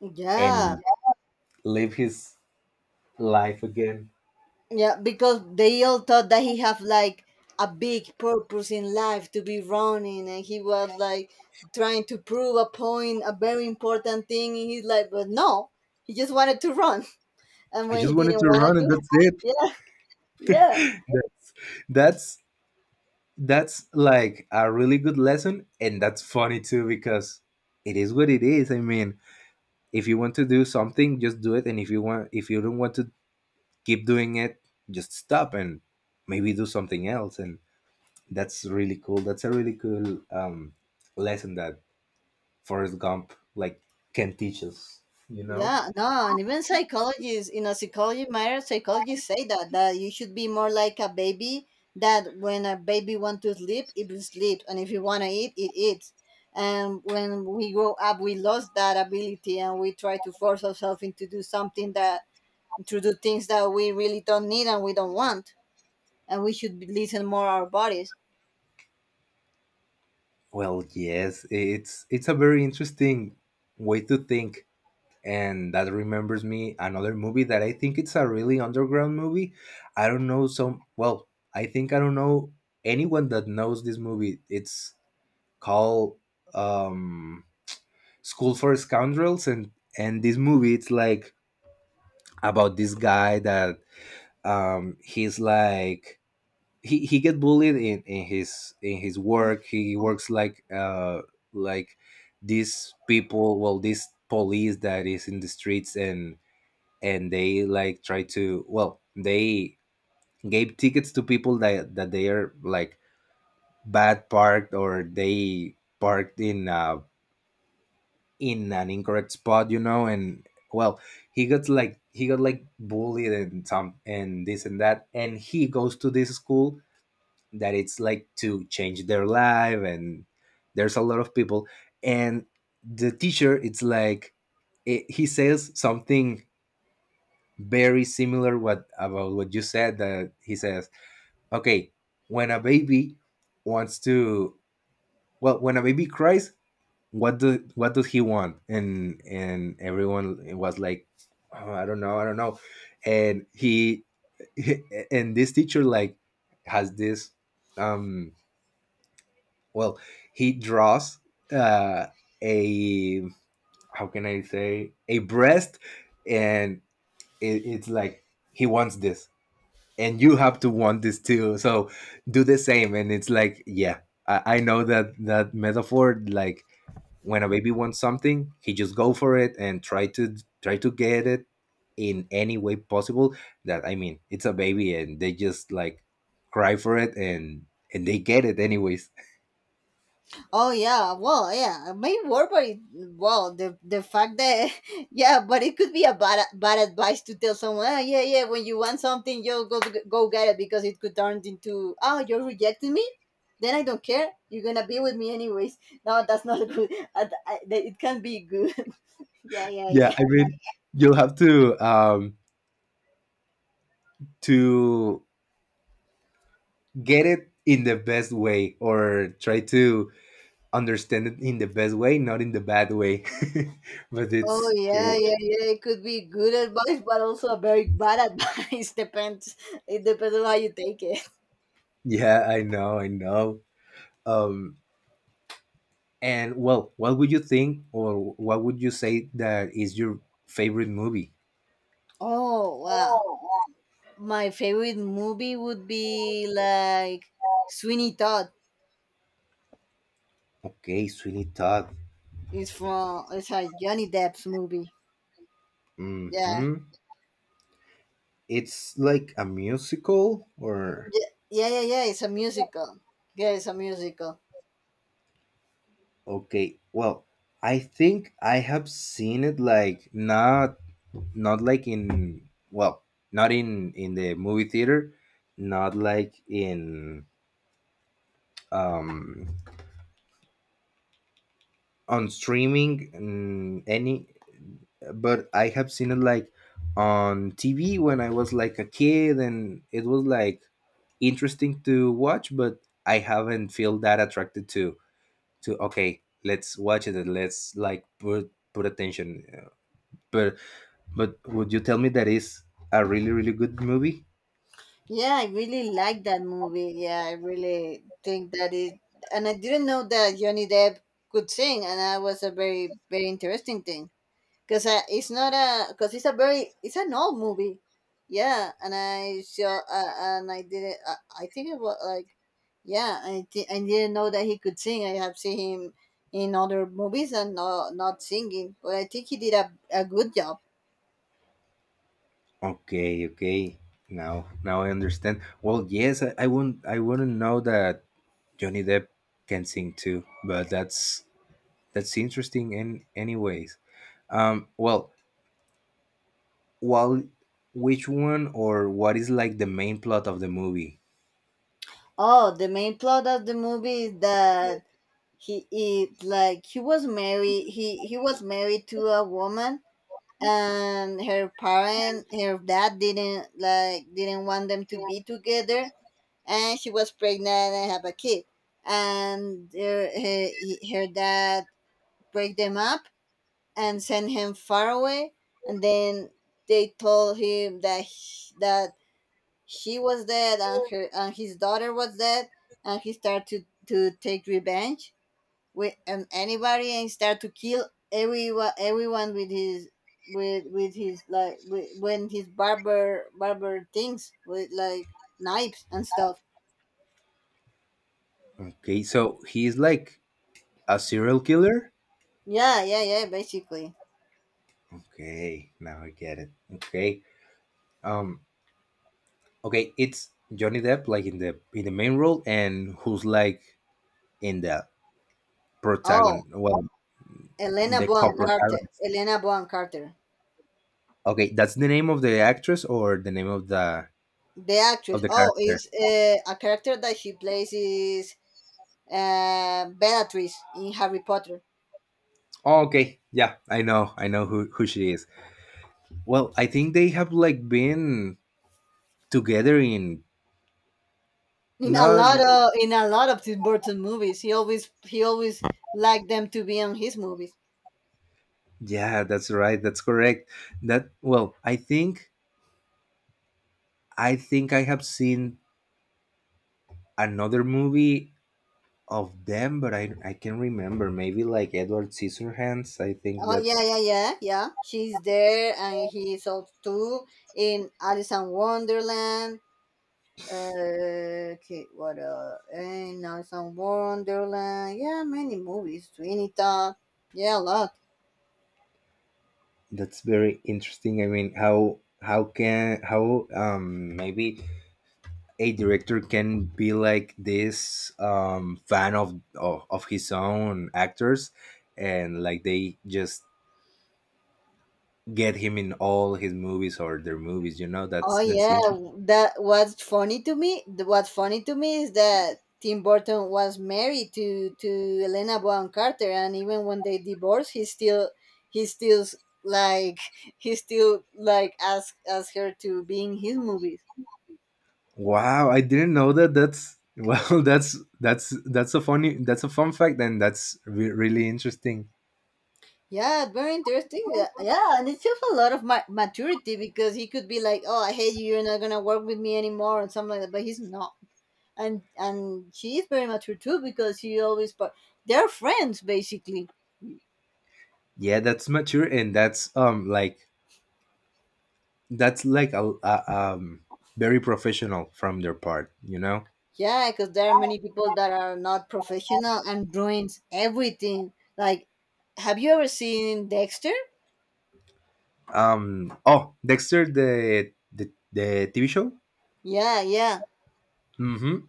A: Yeah,
B: and live his life again.
A: yeah, because they all thought that he have like a big purpose in life to be running, and he was like trying to prove a point, a very important thing in his life. But no, he just wanted to run. And
B: I
A: when he
B: just wanted
A: didn't
B: to
A: want to
B: run, and
A: do—
B: that's it.
A: yeah, yeah,
B: that's that's like a really good lesson, and that's funny too, because it is what it is. I mean, if you want to do something, just do it, and if you want, if you don't want to keep doing it, just stop, and maybe do something else. And that's really cool. That's a really cool lesson that Forrest Gump like can teach us, you know.
A: yeah. No, and even psychologists, in a psychology matter, psychologists say that you should be more like a baby, that when a baby want to sleep, it will sleep, and if you want to eat, it eats. And when we grow up, we lost that ability, and we try to force ourselves into do something that to do things that we really don't need and we don't want, and we should be— listen more our bodies.
B: Well, yes, it's a very interesting way to think, and that remembers me another movie that I think it's a really underground movie. I don't know, some, well, I think I don't know anyone that knows this movie. It's called, um School for Scoundrels, and this movie it's like about this guy that, he's like, he get bullied in his, in his work. He works like these people, well this police that is in the streets, and they like try to, well they gave tickets to people that, that they are like bad parked, or they parked in a, in an incorrect spot, you know, and well, he got like bullied and some and this and that, and he goes to this school that it's like to change their life, and there's a lot of people, and the teacher it's like, it, he says something very similar what about what you said, that he says, okay, when a baby wants to, well, when a baby cries, what do, what does he want? And everyone was like, "Oh, I don't know, I don't know." And he and this teacher like has this um well, he draws uh a, how can I say, a breast, and it, it's like, he wants this, and you have to want this too, so do the same. And it's like, yeah, I know that, that metaphor like, when a baby wants something, he just go for it and try to, try to get it in any way possible. That, I mean, it's a baby, and they just like cry for it, and they get it anyways.
A: Oh yeah, well, yeah, maybe work, but it— well, the fact that yeah, but it could be a bad advice to tell someone. Oh, yeah, yeah, when you want something, you go get it, because it could turn into, oh, you're rejecting me, then I don't care. You're gonna be with me anyways. No, that's not good. It can be good. yeah, yeah,
B: Yeah,
A: yeah.
B: I mean, you'll have to get it in the best way, or try to understand it in the best way, not in the bad way. But
A: Oh
B: it's
A: yeah,
B: it-
A: yeah, yeah. It could be good advice, but also a very bad advice. Depends. It depends on how you take it.
B: yeah, I know, I know. um And well, what would you think, or what would you say that is your favorite movie?
A: Oh wow. My favorite movie would be like Sweeney Todd.
B: Okay, Sweeney Todd.
A: It's a Johnny Depp's movie. Yeah,
B: Mm-hmm. It's like a musical, or,
A: yeah, yeah, yeah. Yeah, it's a musical. Yeah, it's a musical.
B: okay. Well, I think I have seen it like not, not like in, well, not in in the movie theater, not like in um on streaming, any, but I have seen it like on TV when I was like a kid, and it was like interesting to watch, but I haven't feel that attracted to, okay, let's watch it and let's like put attention. But but would you tell me that is a really really good movie?
A: Yeah, I really like that movie. Yeah, I really think that it. And I didn't know that Johnny Depp could sing, and that was a very interesting thing. Because it's not a— because it's a very— it's an old movie. Yeah, and I saw and I didn't I think it was like, yeah, I didn't know that he could sing. I have seen him in other movies and not singing, but I think he did a good job.
B: Okay, okay, now, now I understand. Well, yes, I wouldn't, I wouldn't know that Johnny Depp can sing too, but that's interesting in anyways. Well, while, which one or what is like the main plot of the movie?
A: Oh, the main plot of the movie is that he he was married to a woman, and her dad didn't like— didn't want them to be together, and she was pregnant and have a kid. And her dad break them up and sent him far away. And then they told him that she was dead, and her— and his daughter was dead. And he started to— to take revenge with anybody and start to kill everyone with his— when his barber things with like knives and stuff.
B: Okay, so he's like a serial killer.
A: Yeah, yeah, yeah, basically.
B: Okay, now I get it. Okay, um, okay, it's Johnny Depp like in the, in the main role, and who's like in the protagonist?
A: Oh,
B: Well, the co-protagonist.
A: Elena Bonham Carter.
B: Okay, that's the name of the actress, or the name of the,
A: The
B: of
A: actress.
B: the
A: Oh,
B: character?
A: is a character that she plays is Bellatrix in Harry Potter.
B: Oh, okay, yeah, I know who she is. Well, I think they have like been together in,
A: In a
B: no,
A: lot of— in a lot of Tim Burton movies, he always— he always liked them to be on his movies.
B: yeah, that's right, that's correct. That, well, I think, I think I have seen another movie of them, but I can remember, maybe like Edward Scissorhands. I think
A: Oh yeah,
B: that's
A: yeah, yeah, yeah. She's there, and he's also too in Alice in Wonderland. Okay, what else? And now some War Wonderland. Yeah, many movies. Sweeney Todd. Yeah, a lot.
B: that's very interesting. I mean, how can, how maybe a director can be like this fan of, of his own actors, and like they just get him in all his movies or their movies. You know,
A: Oh
B: that's
A: yeah,
B: interesting.
A: that— what's funny to me— what's funny to me is that Tim Burton was married to Elena Bonham Carter, and even when they divorced, he still— he still like he still like asked her to be in his movies.
B: Wow, I didn't know that. That's, well, that's a funny, that's a fun fact, and that's re- really interesting.
A: Yeah, very interesting. Yeah, yeah, and it shows a lot of maturity because he could be like, "Oh, I hate you. You're not gonna work with me anymore," and something like that. But he's not, and she is very mature too because she always, but they're friends basically.
B: Yeah, that's mature, and that's that's like a very professional from their part.
A: Yeah, because there are many people that are not professional and ruins everything. Like, have you ever seen Dexter?
B: Oh, Dexter, the TV show.
A: Yeah, yeah,
B: Mm-hmm.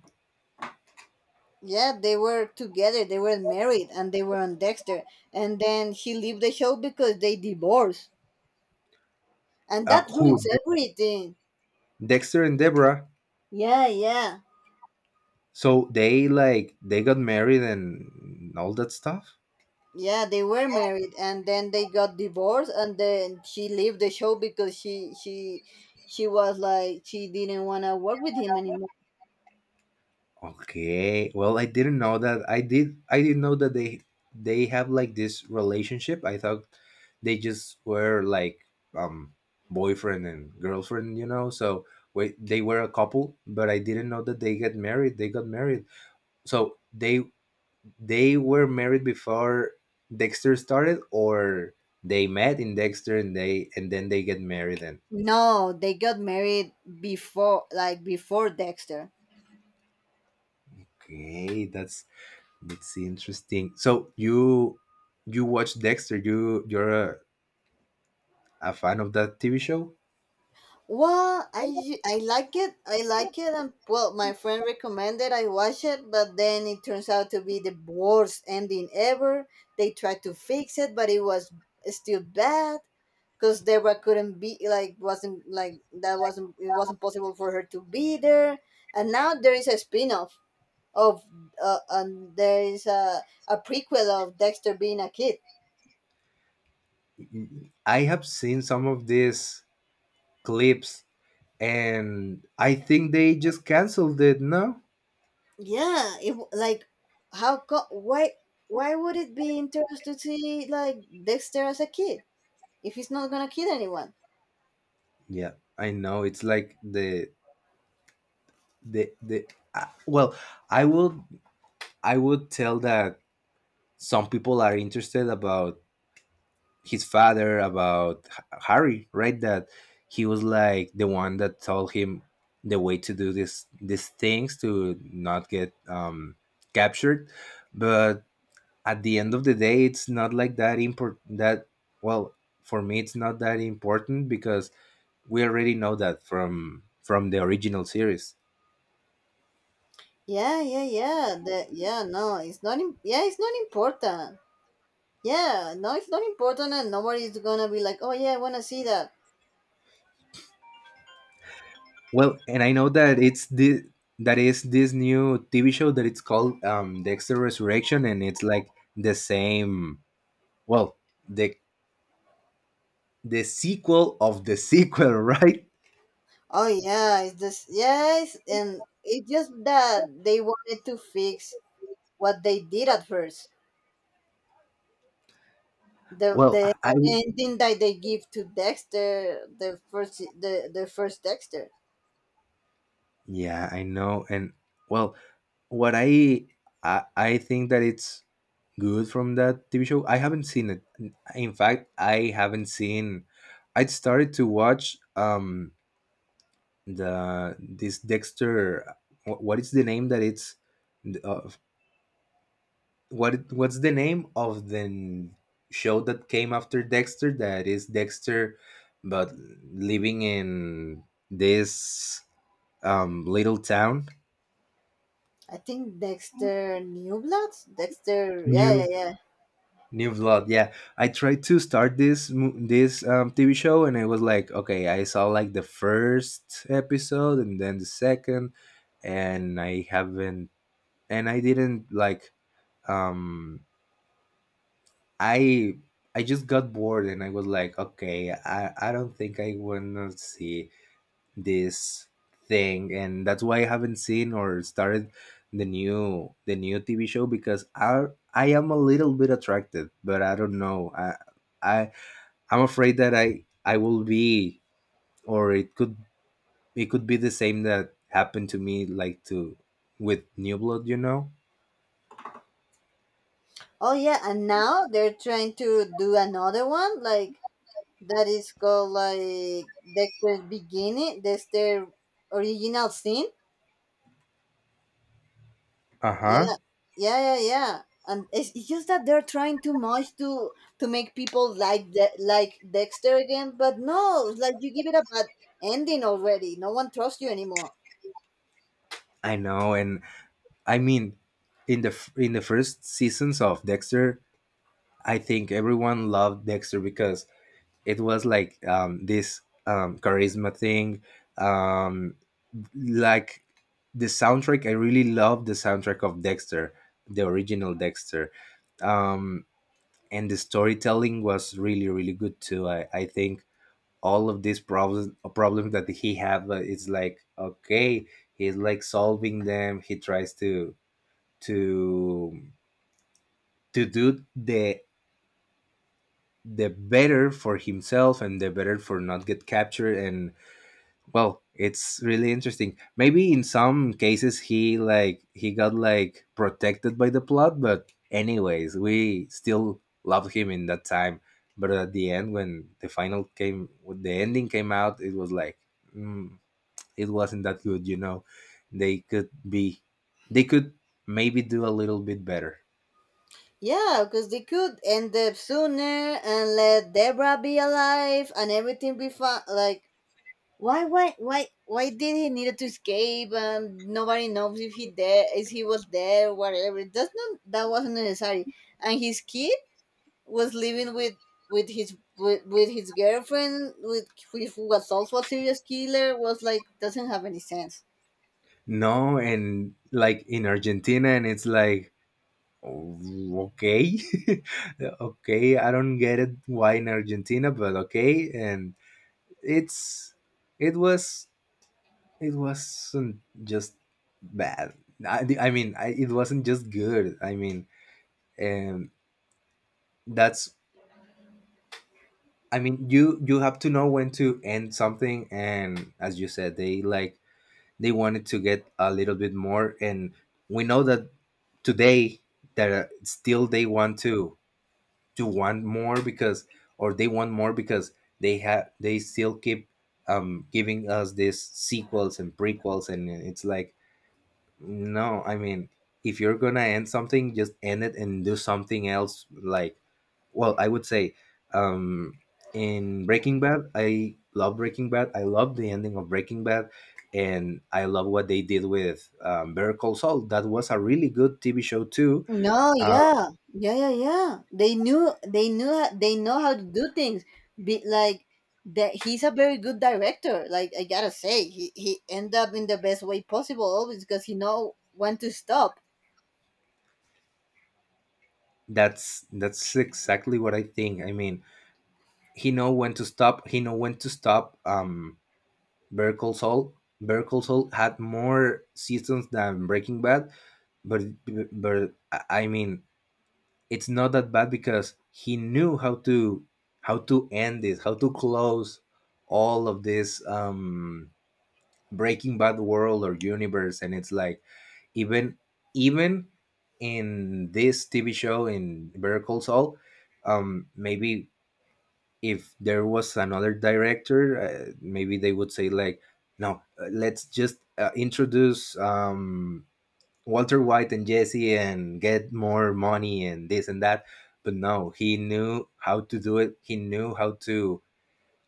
A: yeah. They were together. They were married, and they were on Dexter. And then he left the show because they divorced, and
B: Uh,
A: that
B: who
A: ruins
B: De-
A: everything.
B: Dexter and Deborah?
A: Yeah, yeah,
B: So they they got married and all that stuff.
A: yeah, they were married, and then they got divorced, and then she left the show because she she was like, she didn't want to work with him anymore.
B: Okay, well, I didn't know that. I didn't know that they have like this relationship. I thought they just were like um boyfriend and girlfriend. So wait, they were a couple, but I didn't know that they get married. They got married. So they were married before Dexter started, or they met in Dexter and they and then they get married. And
A: No, they got married before— like before Dexter.
B: okay, that's interesting. So you watch Dexter? You're a fan of that TV show?
A: Well, I like it. I like it, and well, my friend recommended I watch it, but then it turns out to be the worst ending ever. They tried to fix it, but it was still bad because Deborah couldn't be like— wasn't like that— wasn't it wasn't possible for her to be there. And now there is a spin off of and there is a— a prequel of Dexter being a kid.
B: I have seen some of these clips, and I think they just canceled it. No,
A: Yeah, like why— why would it be interesting to see like Dexter as a kid if he's not gonna kill anyone?
B: yeah, I know. It's like the the. Uh, well, I will I would tell that some people are interested about his father, about Harry, right? That he was like the one that told him the way to do this these things to not get captured. But at the end of the day, it's not like that import that well for me it's not that important because we already know that from the original series.
A: Yeah, yeah, yeah. The— yeah, no, it's not. Yeah, it's not important. Yeah, no, it's not important, and nobody's gonna be like, oh yeah, I wanna see that.
B: Well, and I know that it's the that is this new TV show that it's called Dexter Resurrection, and it's like the same Well, the the sequel of the sequel, right?
A: Oh yeah, it's just— yes, and it's just that they wanted to fix what they did at first. The
B: Well,
A: the
B: I I-
A: ending that they give to Dexter, the first— the first Dexter.
B: yeah, I know, and well, what I think that it's good from that TV show. I haven't seen it. In fact, I haven't seen. I started to watch the this Dexter. What is the name that it's uh, what what's the name of the show that came after Dexter, that is Dexter but living in this little town.
A: I think Dexter New Bloods. Dexter, yeah, yeah,
B: New
A: yeah.
B: new Blood, yeah. I tried to start this mo- this TV show, and I was like, okay, I saw like the first episode and then the second, and I haven't and I didn't like um I I just got bored, and I was like, okay, I don't think I wanna see this thing, and that's why I haven't seen or started the new TV show because I am a little bit attracted, but I don't know. I I'm afraid that I will be, or it could, be the same that happened to me like to with New Blood, you know?
A: Oh yeah, and now they're trying to do another one like that is called like Dexter's Beginning, Dexter Original Sin. Yeah,
B: Uh-huh.
A: yeah, yeah, yeah. And it's just that they're trying too much to— to make people like— like Dexter again, but no, it's like, you give it a bad ending already. No one trusts you anymore.
B: I know, and I mean, in the first seasons of Dexter, I think everyone loved Dexter because it was like this charisma thing. Um, like the soundtrack, I really love the soundtrack of Dexter, the original Dexter, um, and the storytelling was really really good too. I think all of these problems problems that he have, it's like, okay, he's like solving them. He tries to do the better for himself, and the better for not get captured. And well, it's really interesting. Maybe in some cases he got like protected by the plot, but anyways, we still loved him in that time. But at the end, when the ending came out, it was like, mm, it wasn't that good, you know? they could be they could maybe do a little bit better.
A: Yeah, because they could end up sooner and let Deborah be alive and everything be fine. Like, why did he needed to escape? And nobody knows if he dead, if he was dead or whatever. That's not— that wasn't necessary. And his kid was living with— with his— with his girlfriend, with who— who was also a serious killer. Was like, doesn't have any sense.
B: No, and like in Argentina, and it's like, "Oh, okay, okay, I don't get it why in Argentina, but okay." And it's it was it wasn't just bad. I mean, it wasn't just good. I mean, and that's I mean, you have to know when to end something, and as you said, they they wanted to get a little bit more. And we know that today that, still, they want to want more because, or they want more because, they have, they still keep giving us these sequels and prequels, and it's like, no, I mean, if you're gonna end something, just end it and do something else. Like, well, I would say, um, in Breaking Bad, I love Breaking Bad. I love the ending of Breaking Bad, and I love what they did with Better Call Saul. That was a really good TV show too.
A: No,
B: Uh,
A: yeah, yeah, yeah, yeah. They know how to do things. Be like that. He's a very good director. Like, I gotta say, he end up in the best way possible always because he know when to stop.
B: that's exactly what I think. I mean, he know when to stop. He know when to stop. Berkeley Berkeley had more seasons than Breaking Bad, but but I mean, it's not that bad because he knew how to end it, how to close all of this, Breaking Bad world or universe. And it's like, even even in this TV show, in Better Call Saul, maybe if there was another director, maybe they would say like, "No, let's just introduce Walter White and Jesse, and get more money and this and that." But no, he knew how to do it. He knew how to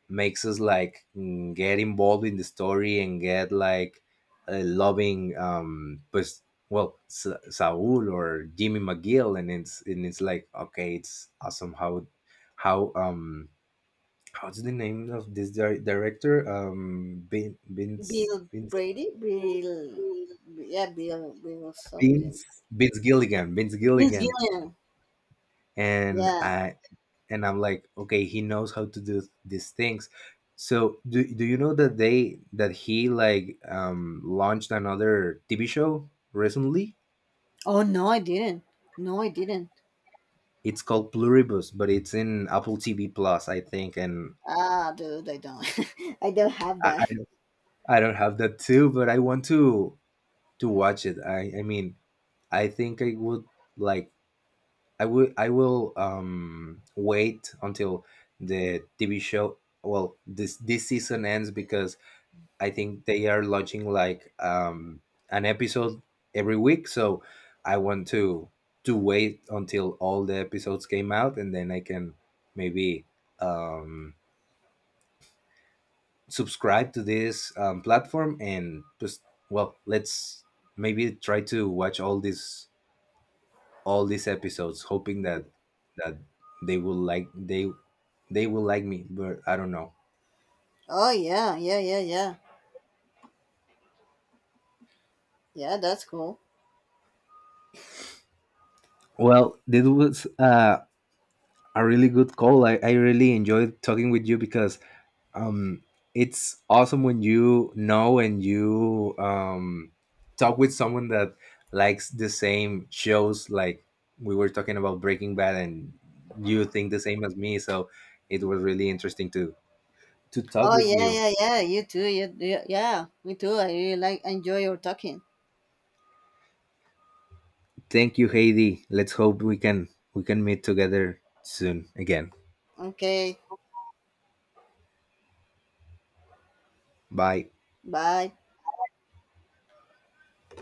B: makes us like, mm, get involved in the story, and get like, loving, pues well, Saul or Jimmy McGill. And it's, like, okay, it's awesome how how um what's the name of this director?
A: Bill Brady, Bill, yeah, Bill something.
B: Vince Vince Gilligan.
A: Vince Gillian,
B: And
A: yeah.
B: I'm like, okay, he knows how to do these things. So do you know that they that he like launched another TV show recently?
A: Oh no, I didn't. No, I didn't.
B: It's called Pluribus, but it's in Apple TV Plus, I think. And
A: Ah, dude, I don't. I don't have
B: I
A: that.
B: I don't have that too, but I want to watch it. I mean, I think I would like, I will wait until the TV show, well, this season ends, because I think they are launching like an episode every week. So I want to wait until all the episodes came out, and then I can maybe um subscribe to this, platform, and just, well, let's maybe try to watch all these episodes, hoping that that they will like, they will like me, but I don't know.
A: Oh yeah, yeah, yeah, yeah, yeah. That's cool.
B: Well, this was a really good call. I really enjoyed talking with you because, um, it's awesome when you know, and you, talk with someone that likes the same shows. Like, we were talking about Breaking Bad, and you think the same as me. So it was really interesting to talk
A: Oh
B: with
A: yeah,
B: you.
A: yeah, yeah. You too. You, yeah. Me too. I really like enjoy your talking.
B: Thank you, Heidi. Let's hope we can meet together soon again.
A: Okay.
B: Bye.
A: Bye.